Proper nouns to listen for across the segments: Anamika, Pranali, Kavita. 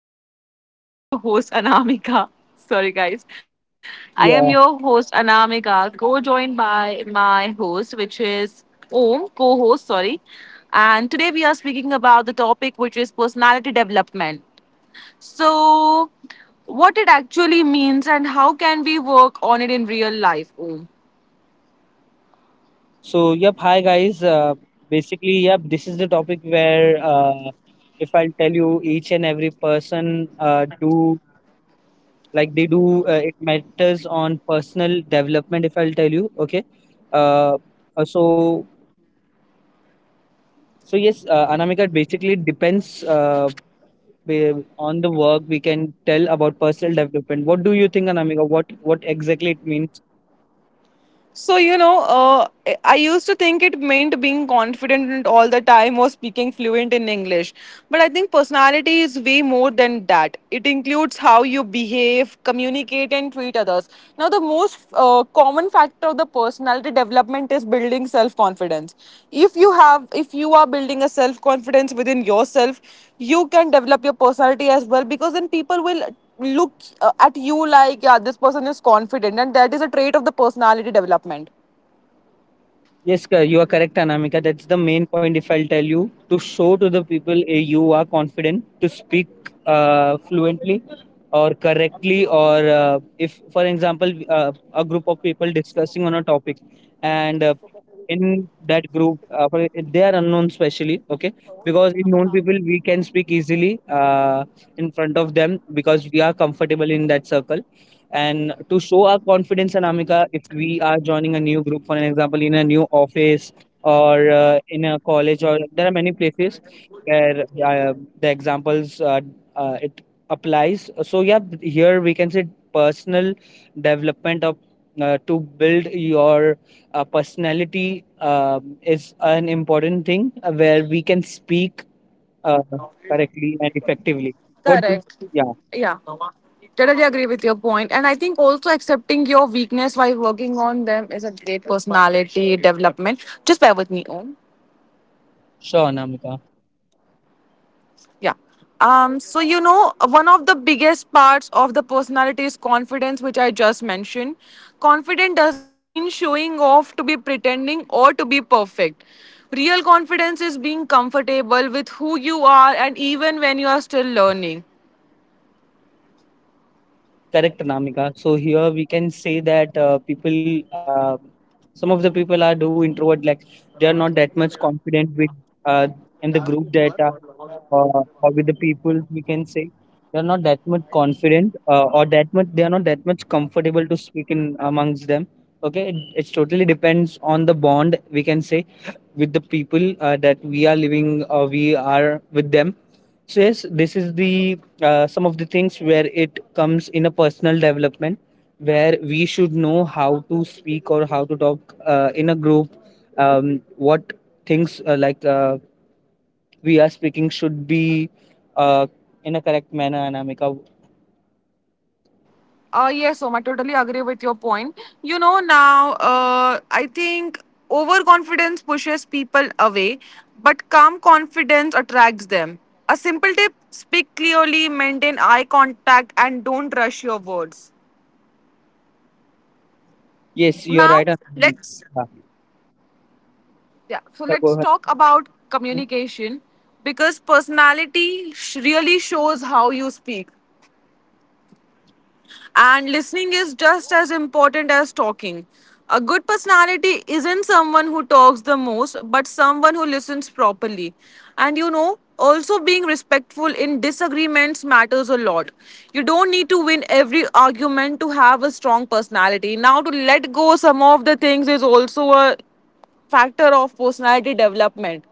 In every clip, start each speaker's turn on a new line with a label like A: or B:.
A: I am your host Anamika. Sorry, guys. I am
B: Yeah.
A: your host Anamika, co-joined by my host, which is Om, co-host. Sorry. And today we are speaking about the topic, which is personality development. So, what it actually means and how can we work on it in real life? Om?
B: Hi, guys. Basically, This is the topic where, if I'll tell you, each and every person do like they do. It matters on personal development. If I'll tell you, okay. Uh, uh, so, so yes, Anamika. It basically depends on the work we can tell about personal development. What do you think, Anamika? What exactly it means?
A: So, you know, I used to think it meant being confident all the time or speaking fluent in English. But I think personality is way more than that. It includes how you behave, communicate, and treat others. Now, the most common factor of the personality development is building self confidence. If you are building a self confidence within yourself, you can develop your personality as well, because then people will look at you like, yeah, this person is confident, and that is a trait of the personality development.
B: Yes, sir, you are correct, Anamika. That's the main point. If I'll tell you to show to the people eh, you are confident to speak fluently or correctly, or if, for example, a group of people discussing on a topic, and in that group, they are unknown, specially okay, because in known people we can speak easily in front of them because we are comfortable in that circle. And to show our confidence and Amika, if we are joining a new group, for an example, in a new office or in a college, or there are many places where the examples it applies. So yeah, here we can say personal development of to build your personality is an important thing where we can speak uh, correctly and effectively. What do
A: Correct.
B: yeah,
A: Yeah. Totally agree with your point. And I think also accepting your weakness while working on them is a great personality development. Just bear with me, Om.
B: sure, Namika.
A: Yeah. So, you know, one of the biggest parts of the personality is confidence, which I just mentioned. Confident doesn't mean showing off to be pretending or to be perfect. Real confidence is being comfortable with who you are and even when you are still learning.
B: Correct, Anamika. So here we can say that people, some of the people are do introvert, like they are not that much confident with uh, in the group that or with the people. We can say they are not that much confident or that much they are not that much comfortable to speak in amongst them. Okay, it's totally depends on the bond we can say with the people that we are living or we are with them. So yes, this is the some of the things where it comes in a personal development where we should know how to speak or how to talk in a group what things we are speaking should be uh, in a correct manner, Anamika.
A: Yes, Om, I totally agree with your point. You know, now I think overconfidence pushes people away, but calm confidence attracts them. A simple tip: speak clearly, maintain eye contact, and don't rush your words.
B: Yes, you are
A: Now,
B: right, Anamika.
A: let's
B: Yeah.
A: yeah, so
B: So go
A: let's
B: ahead.
A: talk about communication, because personality really shows how you speak. And listening is just as important as talking. A good personality isn't someone who talks the most, but someone who listens properly. And you know, also being respectful in disagreements matters a lot. You don't need to win every argument to have a strong personality. Now, to let go some of the things is also a factor of personality development.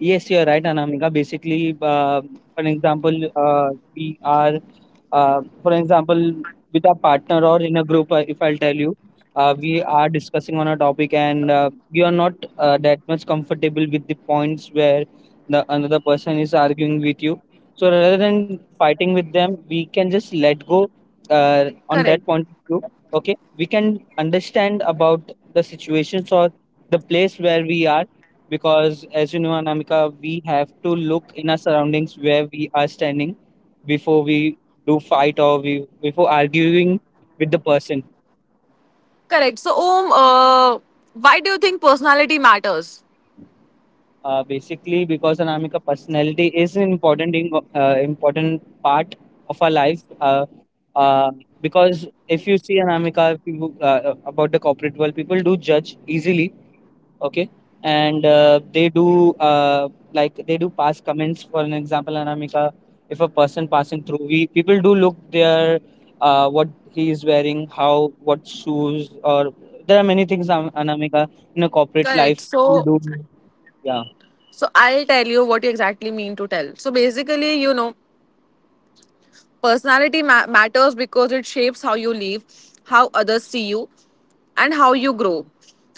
B: Yes, you're right, Anamika. Basically, for example, we are, for example, with a partner or in a group, if I'll tell you, we are discussing on a topic and we are not that much comfortable with the points where the another person is arguing with you. So rather than fighting with them, we can just let go on
A: Correct.
B: that point of view. Okay, we can understand about the situations or the place where we are, because as you know, Anamika, we have to look in our surroundings where we are standing before we do fight, or we before arguing with the person.
A: Correct. So, Om, why do you think personality matters?
B: Basically, because, Anamika, personality is an important in, important part of our life, uh, because if you see, Anamika, people, about the corporate world, people do judge easily. Okay. And they do like they do pass comments. For an example, Anamika, if a person passing through, we people do look their what he is wearing, how what shoes, or there are many things, Anamika, in a corporate
A: Correct.
B: life. We
A: So,
B: do, yeah.
A: So I'll tell you what you exactly mean to tell. So basically, you know, personality matters because it shapes how you live, how others see you, and how you grow.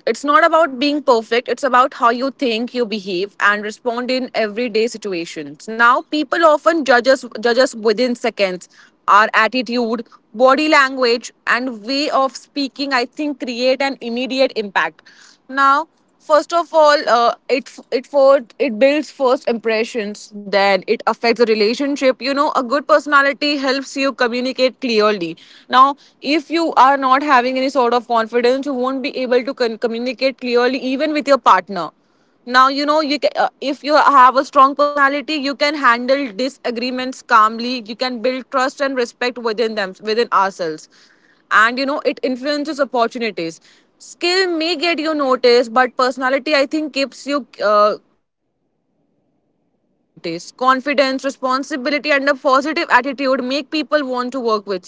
A: It's not about being perfect, it's about how you think, you behave, and respond in everyday situations. Now, people often judge us within seconds. Our attitude, body language, and way of speaking, I think, create an immediate impact. Now, first of all, it builds first impressions. Then it affects the relationship. You know, a good personality helps you communicate clearly. Now, if you are not having any sort of confidence, you won't be able to communicate clearly even with your partner. Now, you know, if you have a strong personality, you can handle disagreements calmly. You can build trust and respect within them, within ourselves. And you know, it influences opportunities. Skill may get you noticed, but personality, I think, keeps you helps you keep good opportunities. Confidence, responsibility, and a positive attitude make people want to work with you.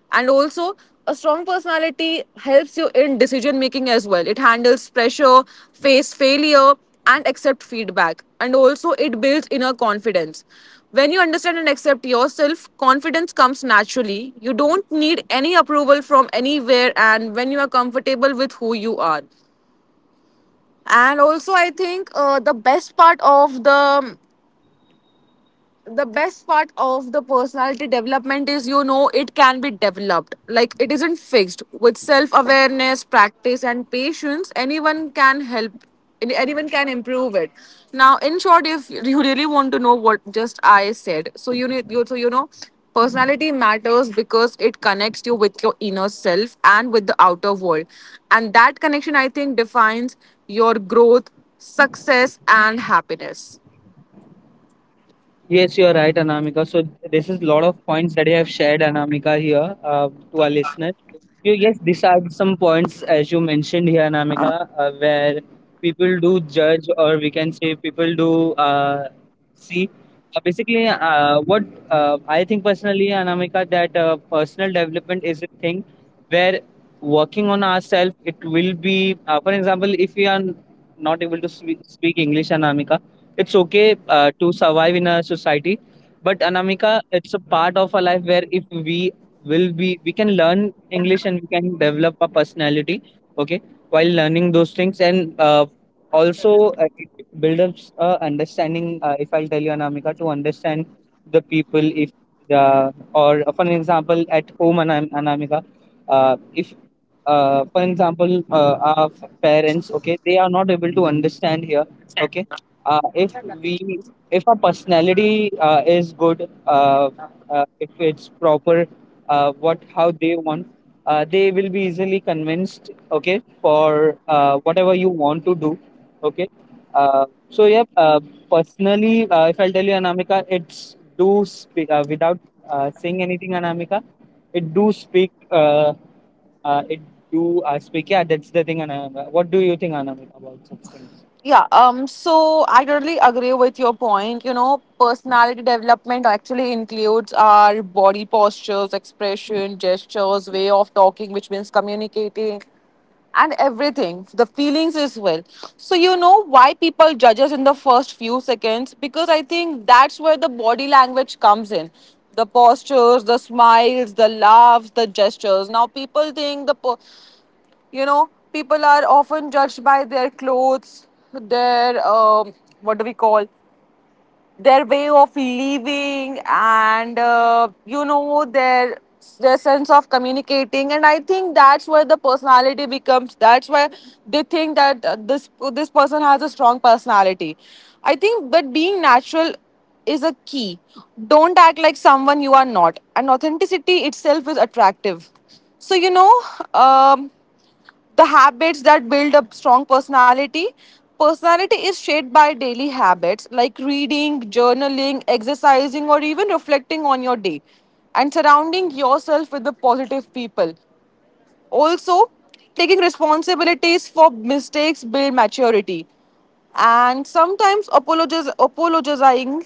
A: And also, a strong personality helps you in decision making as well. It handles pressure, face failure, and accept feedback. And also, it builds inner confidence. When you understand and accept yourself, confidence comes naturally. You don't need any approval from anywhere, and when you are comfortable with who you are. And also, I think, the best part of the personality development is, you know, it can be developed. Like, it isn't fixed. With self awareness, practice, and patience, anyone can improve it. Now, in short, if you really want to know what just I said, so you know, personality matters because it connects you with your inner self and with the outer world. And that connection, I think, defines your growth, success, and happiness.
B: Yes, you are right, Anamika. So this is a lot of points that you have shared, Anamika, here to our listeners. You yes, these are some points as you mentioned here, Anamika, where people do judge, or we can say people do see. Basically, what I think personally, Anamika, that personal development is a thing where working on ourselves, it will be. For example, if we are not able to speak English, Anamika, it's okay to survive in a society, but, Anamika, it's a part of our life where if we will be we can learn English and we can develop a personality. Okay, while learning those things, and also it build up understanding. If I'll tell you, Anamika, to understand the people, if the or for an example at home, Anamika, if for example our parents, okay, they are not able to understand here. Okay, if we if our personality is good, if it's proper, what how they want, they will be easily convinced, okay, for whatever you want to do. Okay, so yeah, personally, if I'll tell you, Anamika, it's do speak without saying anything, Anamika. It do speak, it do speak. Yeah, that's the thing, Anamika. What do you think, Anamika, about such things?
A: Yeah, so I totally agree with your point. You know, personality development actually includes our body postures, expression, gestures, way of talking, which means communicating, and everything, the feelings as well. So, you know why people judge us in the first few seconds? Because I think that's where the body language comes in. The postures, the smiles, the laughs, the gestures. Now, people think you know, people are often judged by their clothes, their what do we call, their way of living, and you know, their sense of communicating. And I think that's where the personality becomes that's why they think that this person has a strong personality, I think. But being natural is a key. Don't act like someone you are not, and authenticity itself is attractive. So you know, um, the habits that build a strong personality. Personality is shaped by daily habits like reading, journaling, exercising, or even reflecting on your day, and surrounding yourself with the positive people. Also, taking responsibilities for mistakes build maturity, and sometimes apologizing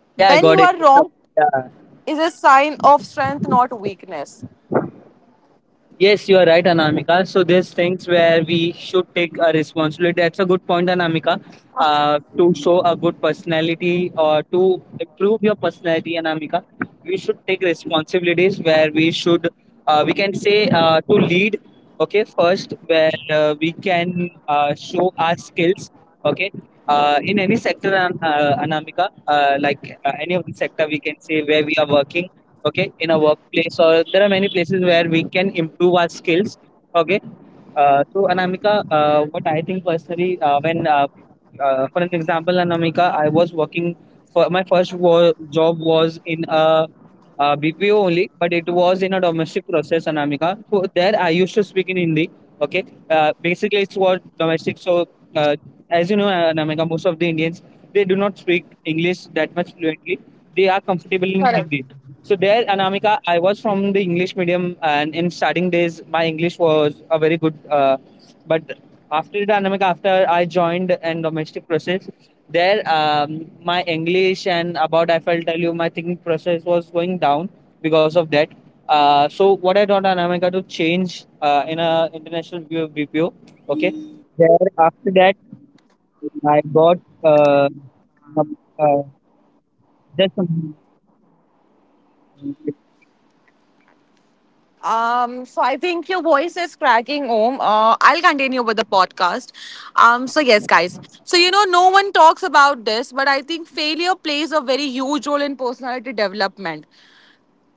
B: Yeah, I
A: when
B: got
A: you
B: it.
A: are wrong
B: Yeah.
A: is a sign of strength, not weakness.
B: Yes, you are right, Anamika. So there's things where we should take a responsibility. That's a good point, Anamika. To show a good personality or to improve your personality, Anamika, we should take responsibilities where we should, we can say to lead. Okay, first where we can show our skills. Okay, in any sector, Anamika, any of the sector, we can say where we are working, okay, in a workplace, or there are many places where we can improve our skills. Okay, so, Anamika, what I think personally when for an example, Anamika, I was working for my first job was in a BPO only, but it was in a domestic process, Anamika. So there I used to speak in Hindi. Okay, basically it's what domestic. So uh, as you know, Anamika, most of the Indians they do not speak English that much fluently. They are comfortable in Hindi. So there, Anamika, I was from the English medium, and in starting days, my English was a very good. But after the Anamika, after I joined in domestic process, there my English and about I felt tell you my thinking process was going down because of that. So what I taught, Anamika, to change in a international BPO. Okay, there after that I got uh, some, uh, some.
A: So I think your voice is cracking, Om. I'll continue with the podcast. So, yes, guys. So you know, no one talks about this, but I think failure plays a very huge role in personality development.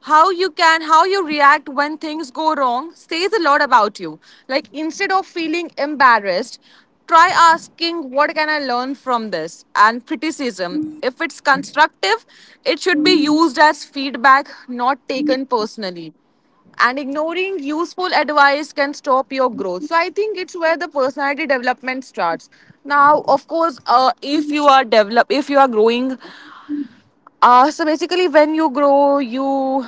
A: How you can how you react when things go wrong says a lot about you. Like, instead of feeling embarrassed, try asking, what can I learn from this? And criticism, if it's constructive, it should be used as feedback, not taken personally, and ignoring useful advice can stop your growth. So I think it's where the personality development starts. Now, of course, if you are growing. So basically, when you grow, you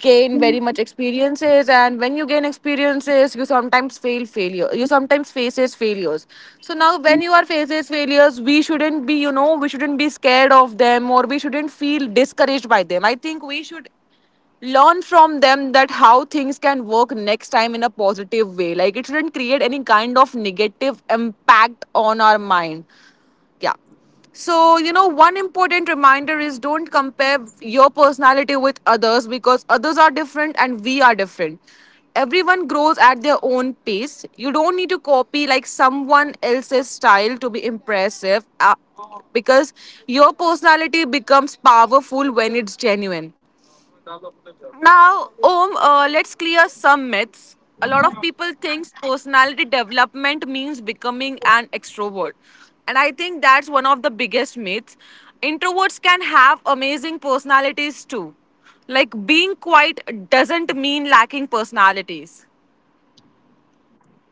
A: gain very much experiences, and when you gain experiences, you sometimes failure. You sometimes faces failures. So now, when you are faces failures, we shouldn't be scared of them, or we shouldn't feel discouraged by them. I think we should learn from them that how things can work next time in a positive way. Like, it shouldn't create any kind of negative impact on our mind. Yeah, so you know, one important reminder is don't compare your personality with others, because others are different and we are different. Everyone grows at their own pace. You don't need to copy like someone else's style to be impressive, because your personality becomes powerful when it's genuine. Now, Om, let's clear some myths. A lot of people think personality development means becoming an extrovert. And I think that's one of the biggest myths. Introverts can have amazing personalities too. Like being quiet doesn't mean lacking personalities.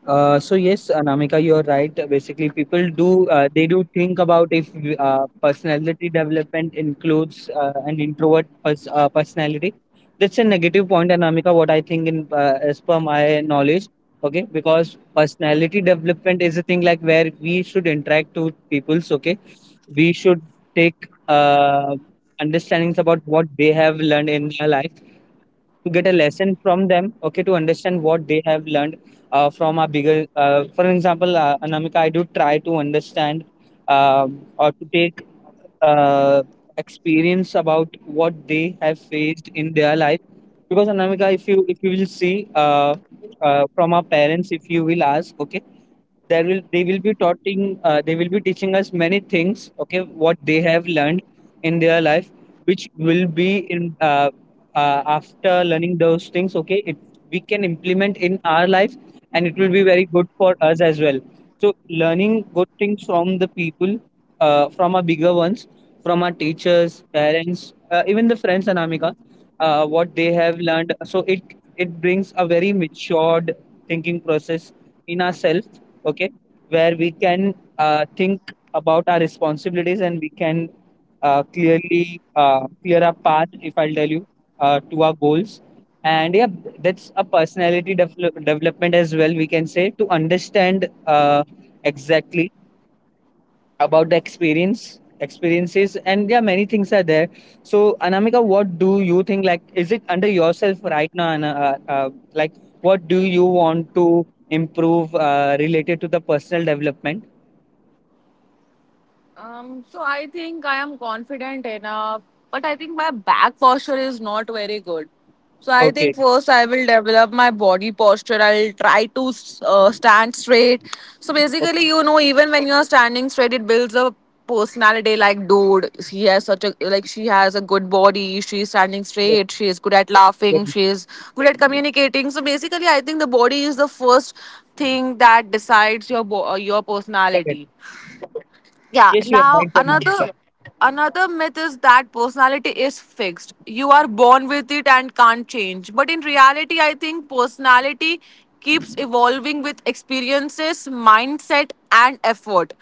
B: So yes, Anamika, you are right. Basically, people do they do think about if personality development includes an introvert personality. That's a negative point, Anamika. What I think, in as per my knowledge, okay, because personality development is a thing like where we should interact with peoples. Okay, we should take understandings about what they have learned in their life to get a lesson from them, okay, to understand what they have learned from our bigger. For example, Anamika, I do try to understand, um, or to take uh, experience about what they have faced in their life, because, Anamika, if you will see, uh, from our parents if you will ask, okay, there will they will be taughting, they will be teaching us many things, okay, what they have learned in their life, which will be in after learning those things, okay, it we can implement in our life, and it will be very good for us as well. So learning good things from the people, from our bigger ones, from our teachers, parents, even the friends, Anamika, what they have learned, so it brings a very matured thinking process in ourselves, okay, where we can think about our responsibilities, and we can clearly clear a path, if I'll tell you, to our goals. And yeah, that's a personality development as well, we can say, to understand uh, exactly about the experiences, and yeah, many things are there. So, Anamika, what do you think, like, is it under yourself right now, like, what do you want to improve related to the personal development?
A: So I think I am confident enough, but I think my back posture is not very good. So I
B: Okay.
A: think first I will develop my body posture. I'll try to stand straight. So basically,
B: Okay.
A: you know, even when you are standing straight, it builds a personality. Like, dude, he has such a like she has a good body. She's standing
B: Yes,
A: straight. She is good at
B: yes,
A: laughing. She is good at communicating. So basically, I think the body is the first thing that decides your
B: correct.
A: personality. Yeah.
B: Yes, you are
A: Now,
B: right, Amanita.
A: another myth is that personality is fixed. You are born with it and can't change. But in reality, I think personality keeps evolving with experiences, mindset, and effort.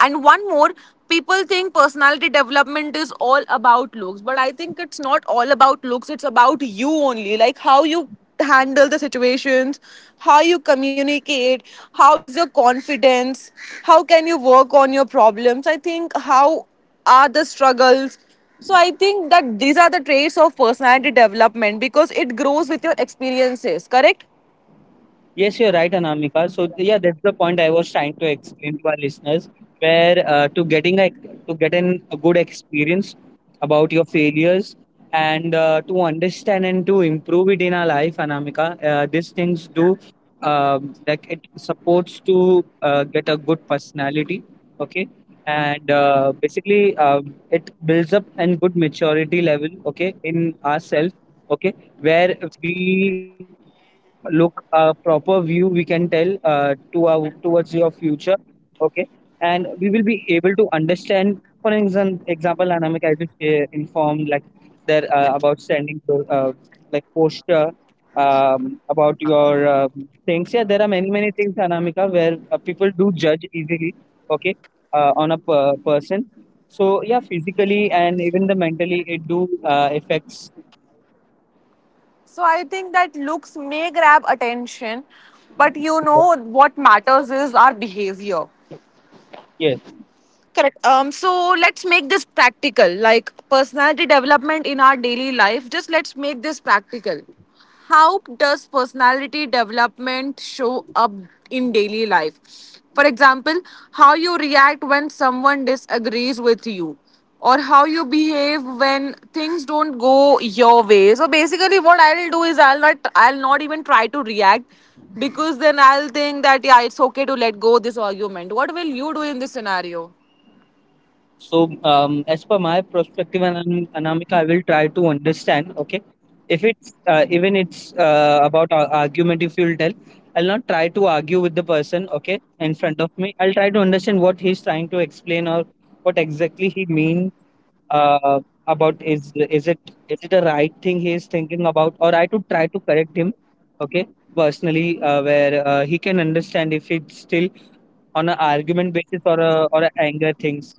A: And one more, people think personality development is all about looks, but I think it's not all about looks. It's about you only, like how you handle the situations, how you communicate, how is your confidence, how can you work on your problems. I think how are the struggles. So I think that these are the traits of personality development because it grows with your experiences, correct?
B: Yes, you're right, Anamika. So, yeah, that's the point I was trying to explain to our listeners, where to get an, a good experience about your failures, and to understand and to improve it in our life, Anamika. These things do like it supports to get a good personality. Okay, and basically it builds up and good maturity level. Okay, in ourselves. Okay, where we look a proper view we can tell to our towards your future, okay, and we will be able to understand, for example Anamika, I just informed like there about standing, uh, like posture, about your things. Yeah, there are many many things Anamika where people do judge easily, okay, on a person. So yeah, physically and even the mentally it do affects.
A: So I think that looks may grab attention, but you know what matters is our behavior.
B: Yes.
A: Correct. So let's make this practical. Like personality development in our daily life, just let's make this practical. How does personality development show up in daily life? For example, how you react when someone disagrees with you, or how you behave when things don't go your way. So basically, what I'll do is I'll not even try to react, because then I'll think that, yeah, it's okay to let go this argument. What will you do in this scenario?
B: So, as per my perspective, Anamika, I will try to understand. Okay, if it's even it's about argument, if you'll tell, I'll not try to argue with the person. Okay, in front of me, I'll try to understand what he's trying to explain, or what exactly he means, uh, about is it, is it a right thing he is thinking about, or I to try to correct him. Okay, personally, where he can understand if it's still on an argument basis or a anger things.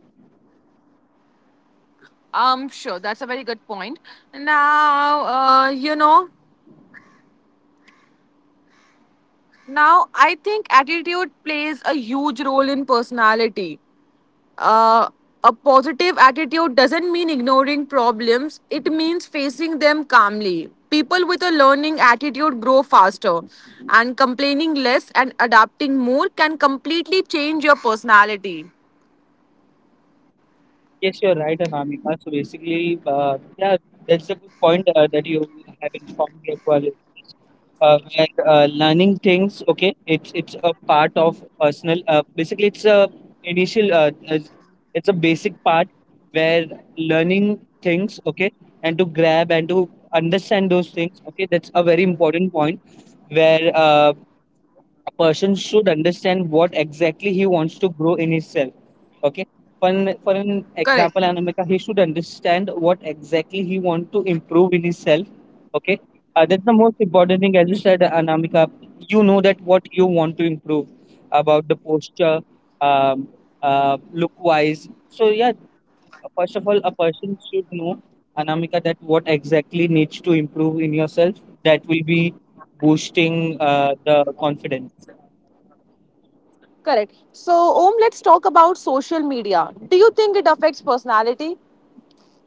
A: Sure, that's a very good point. Now, I think attitude plays a huge role in personality. Uh, a positive attitude doesn't mean ignoring problems, it means facing them calmly. People with a learning attitude grow faster, and complaining less and adapting more can completely change your personality.
B: Yes, you're right, Anamika. So basically, yeah, that's a good point that you have informed your colleagues. Where learning things, okay, it's a part of personal. Basically, it's a initial. It's a basic part where learning things, okay, and to grab and to understand those things, okay, that's a very important point where a person should understand what exactly he wants to grow in himself, okay. For an, for an
A: Correct.
B: example Anamika, he should understand what exactly he wants to improve in himself, okay. That's the most important thing. As you said Anamika, you know that what you want to improve about the posture, um, look wise. So yeah, first of all a person should know, Anamika, that what exactly needs to improve in yourself. That will be boosting the confidence.
A: Correct. So, Om, let's talk about social media. Do you think it affects personality?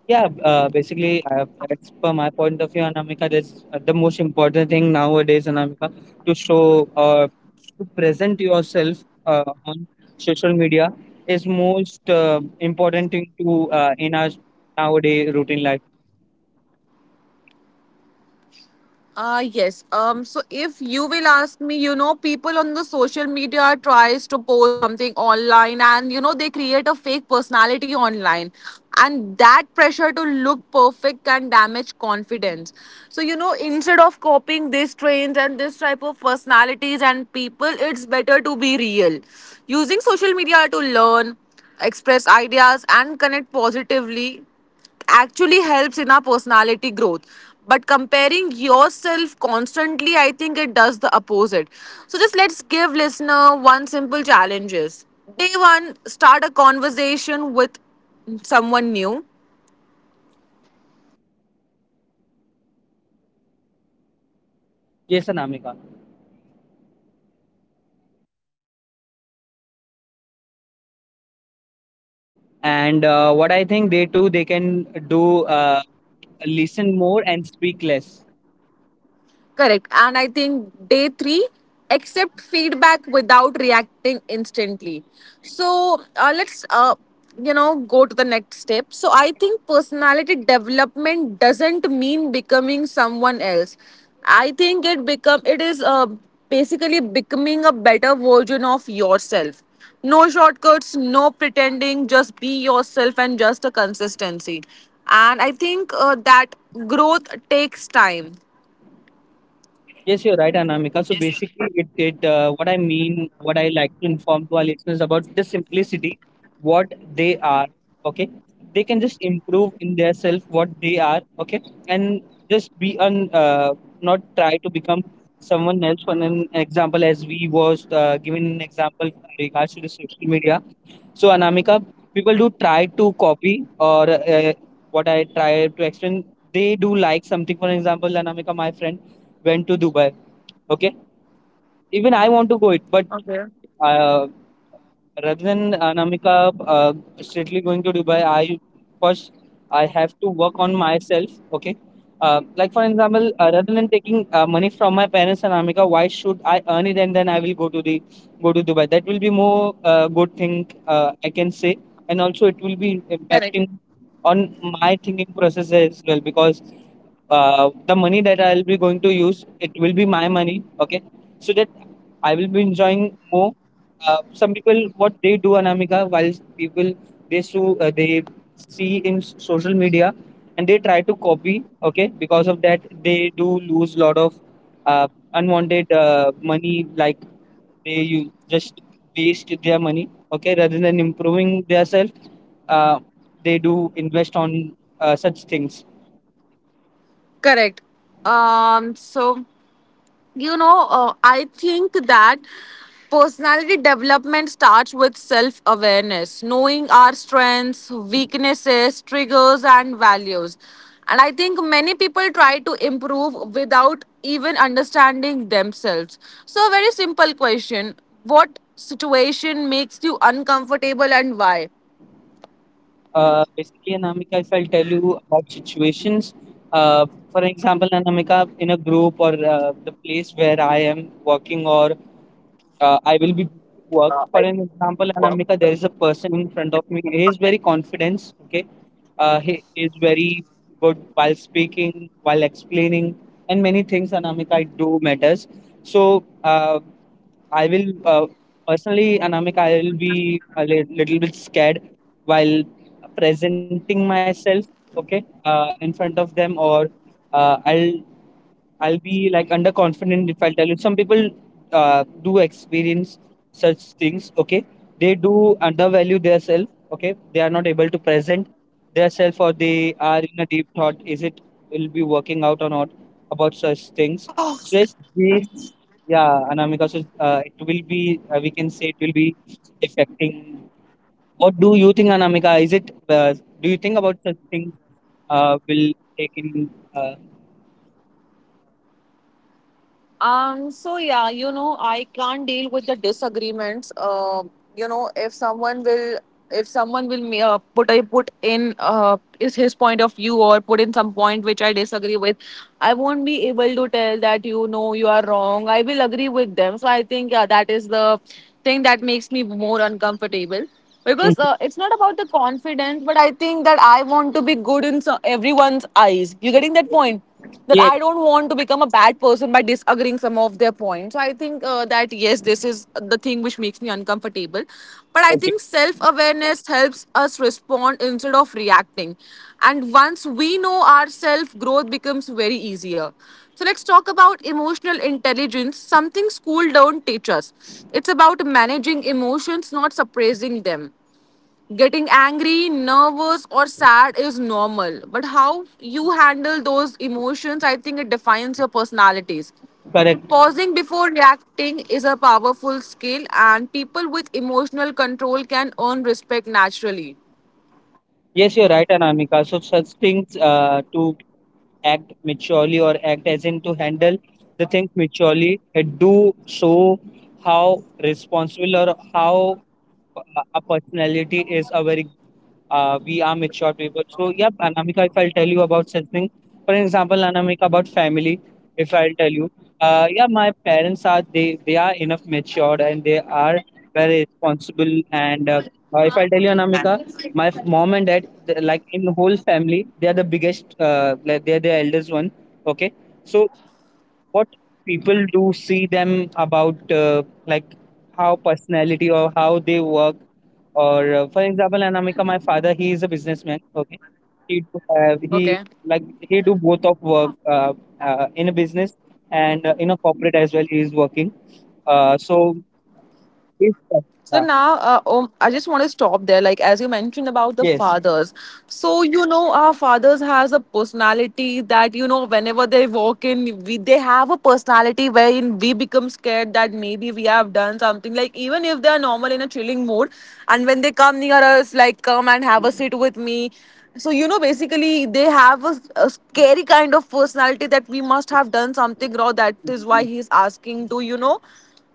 B: Yeah, basically, as per my point of view, Anamika, that's the most important thing nowadays, Anamika, to show or to present yourself on social media is most important thing to in our nowadays routine life.
A: Ah yes. So if you will ask me, you know, people on the social media tries to post something online, and you know they create a fake personality online, and that pressure to look perfect can damage confidence. So you know, instead of copying these trends and this type of personalities and people, it's better to be real. Using social media to learn, express ideas, and connect positively actually helps in our personality growth, but comparing yourself constantly, I think it does the opposite. So just let's give listener one simple challenges. Day one, start a conversation with someone new.
B: Yes, Anamika. And what I think they too, they can do listen more and speak less.
A: Correct. And I think day three, accept feedback without reacting instantly. So let's, you know, go to the next step. So I think personality development doesn't mean becoming someone else. I think it become It is basically becoming a better version of yourself. No shortcuts, no pretending. Just be yourself and just a consistency. And I think that growth takes time.
B: Yes, you're right, Anamika. So basically, it what I mean, what I like to inform to our listeners about the simplicity, what they are. Okay, they can just improve in their self what they are. Okay, and just be on, not try to become someone else. For an example, as we was given an example in regards to the social media. So Anamika, people do try to copy or what I try to explain. They do like something. For example, Anamika, my friend went to Dubai, okay, even I want to go it, but uh, rather than Anamika strictly going to Dubai, I first, I have to work on myself. Okay, like for example, rather than taking money from my parents, Anamika, why should I earn it and then I will go to the go to Dubai? That will be more good thing I can say, and also it will be
A: Correct.
B: impacting on my thinking process as well. Because the money that I'll be going to use, it will be my money. Okay, so that I will be enjoying more. Some people what they do Anamika, while people, they sue they see in social media and they try to copy. Okay, because of that they do lose lot of uh, unwanted money. Like they you just waste their money, okay, rather than improving themselves. uh, they do invest on such things.
A: Correct. So, you know, I think that personality development starts with self awareness, knowing our strengths, weaknesses, triggers, and values. And I think many people try to improve without even understanding themselves. So, a very simple question: what situation makes you uncomfortable and why?
B: Basically, Anamika, if I'll tell you about situations, uh, for example, Anamika, in a group or the place where I am working or I will be going to work. For an example, Anamika, there is a person in front of me. He is very confident. Okay, he is very good while speaking, while explaining, and many things. Anamika, I do matters. So I will personally, Anamika, I will be a little bit scared while presenting myself, okay, in front of them, or uh, I'll I'll be like underconfident if I tell you. Some people do experience such things. Okay, they do undervalue their self. Okay, they are not able to present their self, or they are in a deep thought. Is it will be working out or not about such things? So yes, this yeah, Anamika. So it will be we can say it will be affecting. What do you think, Anamika? Is it do you think about such things will take in?
A: So yeah, you know, I can't deal with the disagreements. You know, if someone will put, I put in is his point of view or put in some point which I disagree with, I won't be able to tell that you know you are wrong. I will agree with them. So I think yeah, that is the thing that makes me more uncomfortable because
B: Mhm.
A: it's not about the confidence, but I think that I want to be good in everyone's eyes. You getting that point? That
B: Yes.
A: I don't want to become a bad person by disagreeing some of their points. So I think that yes, this is the thing which makes me uncomfortable. But I think self awareness helps us respond instead of reacting. And once we know ourselves, growth becomes very easier. So let's talk about emotional intelligence, something school don't teach us. It's about managing emotions, not suppressing them. Getting angry, nervous, or sad is normal, but how you handle those emotions, I think it defines your personalities.
B: Correct.
A: Pausing before reacting is a powerful skill, and people with emotional control can earn respect naturally.
B: Yes, you're right, Anamika. So such things to act maturely or act as in to handle the things maturely, it do show how responsible or how uh, a personality is. A very we are mature people. So yeah, Anamika, if I'll tell you about such thing, for example, Anamika, about family, if I'll tell you, yeah, my parents are, they are enough matured and they are very responsible. And if I tell you, Anamika, my mom and dad, they, like in the whole family, they are the biggest, like they are the eldest one. Okay. So what people do see them about like how personality or how they work, or for example Anamika, my father, he is a businessman, okay, he do have
A: Okay.
B: he, like he do both of work in a business and in a corporate as well he is working. So he's,
A: So now,
B: yeah,
A: I just want to stop there. Like as you mentioned about the
B: yes,
A: fathers, so you know our fathers has a personality that you know whenever they walk in, we they have a personality wherein we become scared that maybe we have done something. Like even if they are normal in a chilling mood, and when they come near us, like come and have a sit with me. So you know, basically they have a scary kind of personality that we must have done something wrong. That is why he's asking to, you know,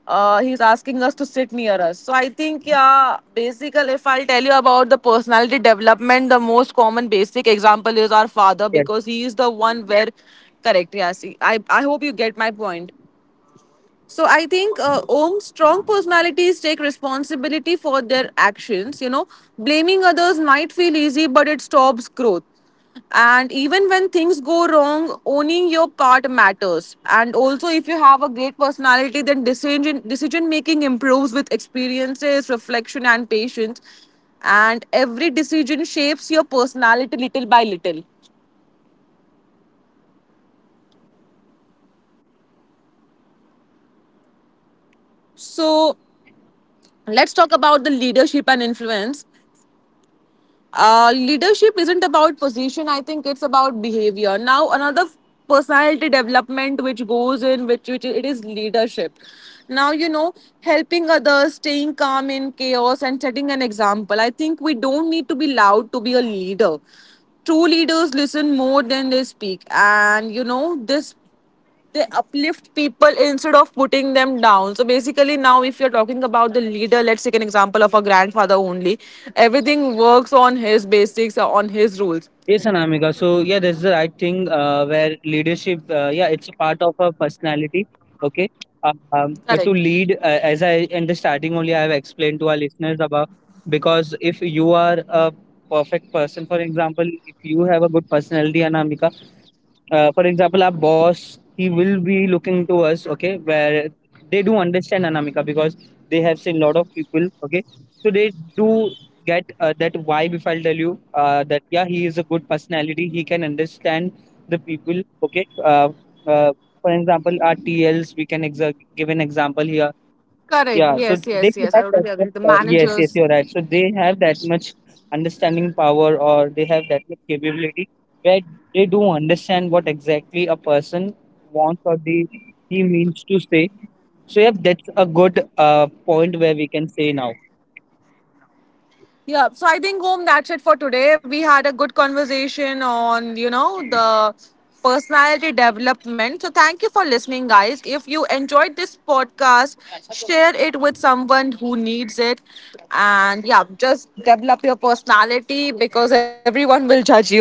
A: he's asking us to sit near us. So I think, yeah, basically, if I'll tell you about the personality development, the most common basic example is our father
B: yes.
A: because he is the one where, correct, yeah, see, I hope you get my point. So I think Om's strong personalities take responsibility for their actions. You know, blaming others might feel easy, but it stops growth. And even when things go wrong, owning your part matters. And also, if you have a great personality, then decision making improves with experiences, reflection, and patience. And every decision shapes your personality little by little. So let's talk about the leadership and influence. Leadership isn't about position, I think it's about behavior. Now another personality development which goes in, which it is leadership. Now, you know, helping others, staying calm in chaos, and setting an example, I think we don't need to be loud to be a leader. True leaders listen more than they speak, and you know this, they uplift people instead of putting them down. So basically now, if you're talking about the leader, let's take an example of a grandfather only. Everything works on his basics, on his rules.
B: Yes, Anamika. So yeah, that's the right thing. Where leadership, yeah, it's a part of a personality. Okay, to
A: Correct.
B: lead, as I in the starting only, I have explained to our listeners about, because if you are a perfect person, for example, if you have a good personality, Anamika, for example our boss, he will be looking to us, okay, where they do understand Anamika, because they have seen a lot of people, okay, so they do get that vibe if I'll tell you, that yeah he is a good personality, he can understand the people, okay. Uh, for example our TLs, we can give an example here.
A: Correct.
B: Yeah, so
A: Yes,
B: they
A: yes, yes. I
B: have that
A: totally
B: much,
A: agree. The
B: yes, yes,
A: managers.
B: you're right. So they have that much understanding power, or they have that much capability where they do understand what exactly a person wants, or the he means to say. So yeah, that's a good point where we can say now.
A: Yeah, so I think home that's it for today. We had a good conversation on, you know, the personality development. So thank you for listening, guys. If you enjoyed this podcast, share it with someone who needs it. And yeah, just develop your personality because everyone will judge you.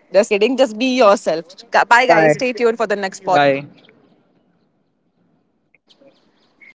A: Just kidding, just be yourself. Bye, guys.
B: Bye.
A: Stay tuned for the next
B: Bye.
A: podcast. Bye.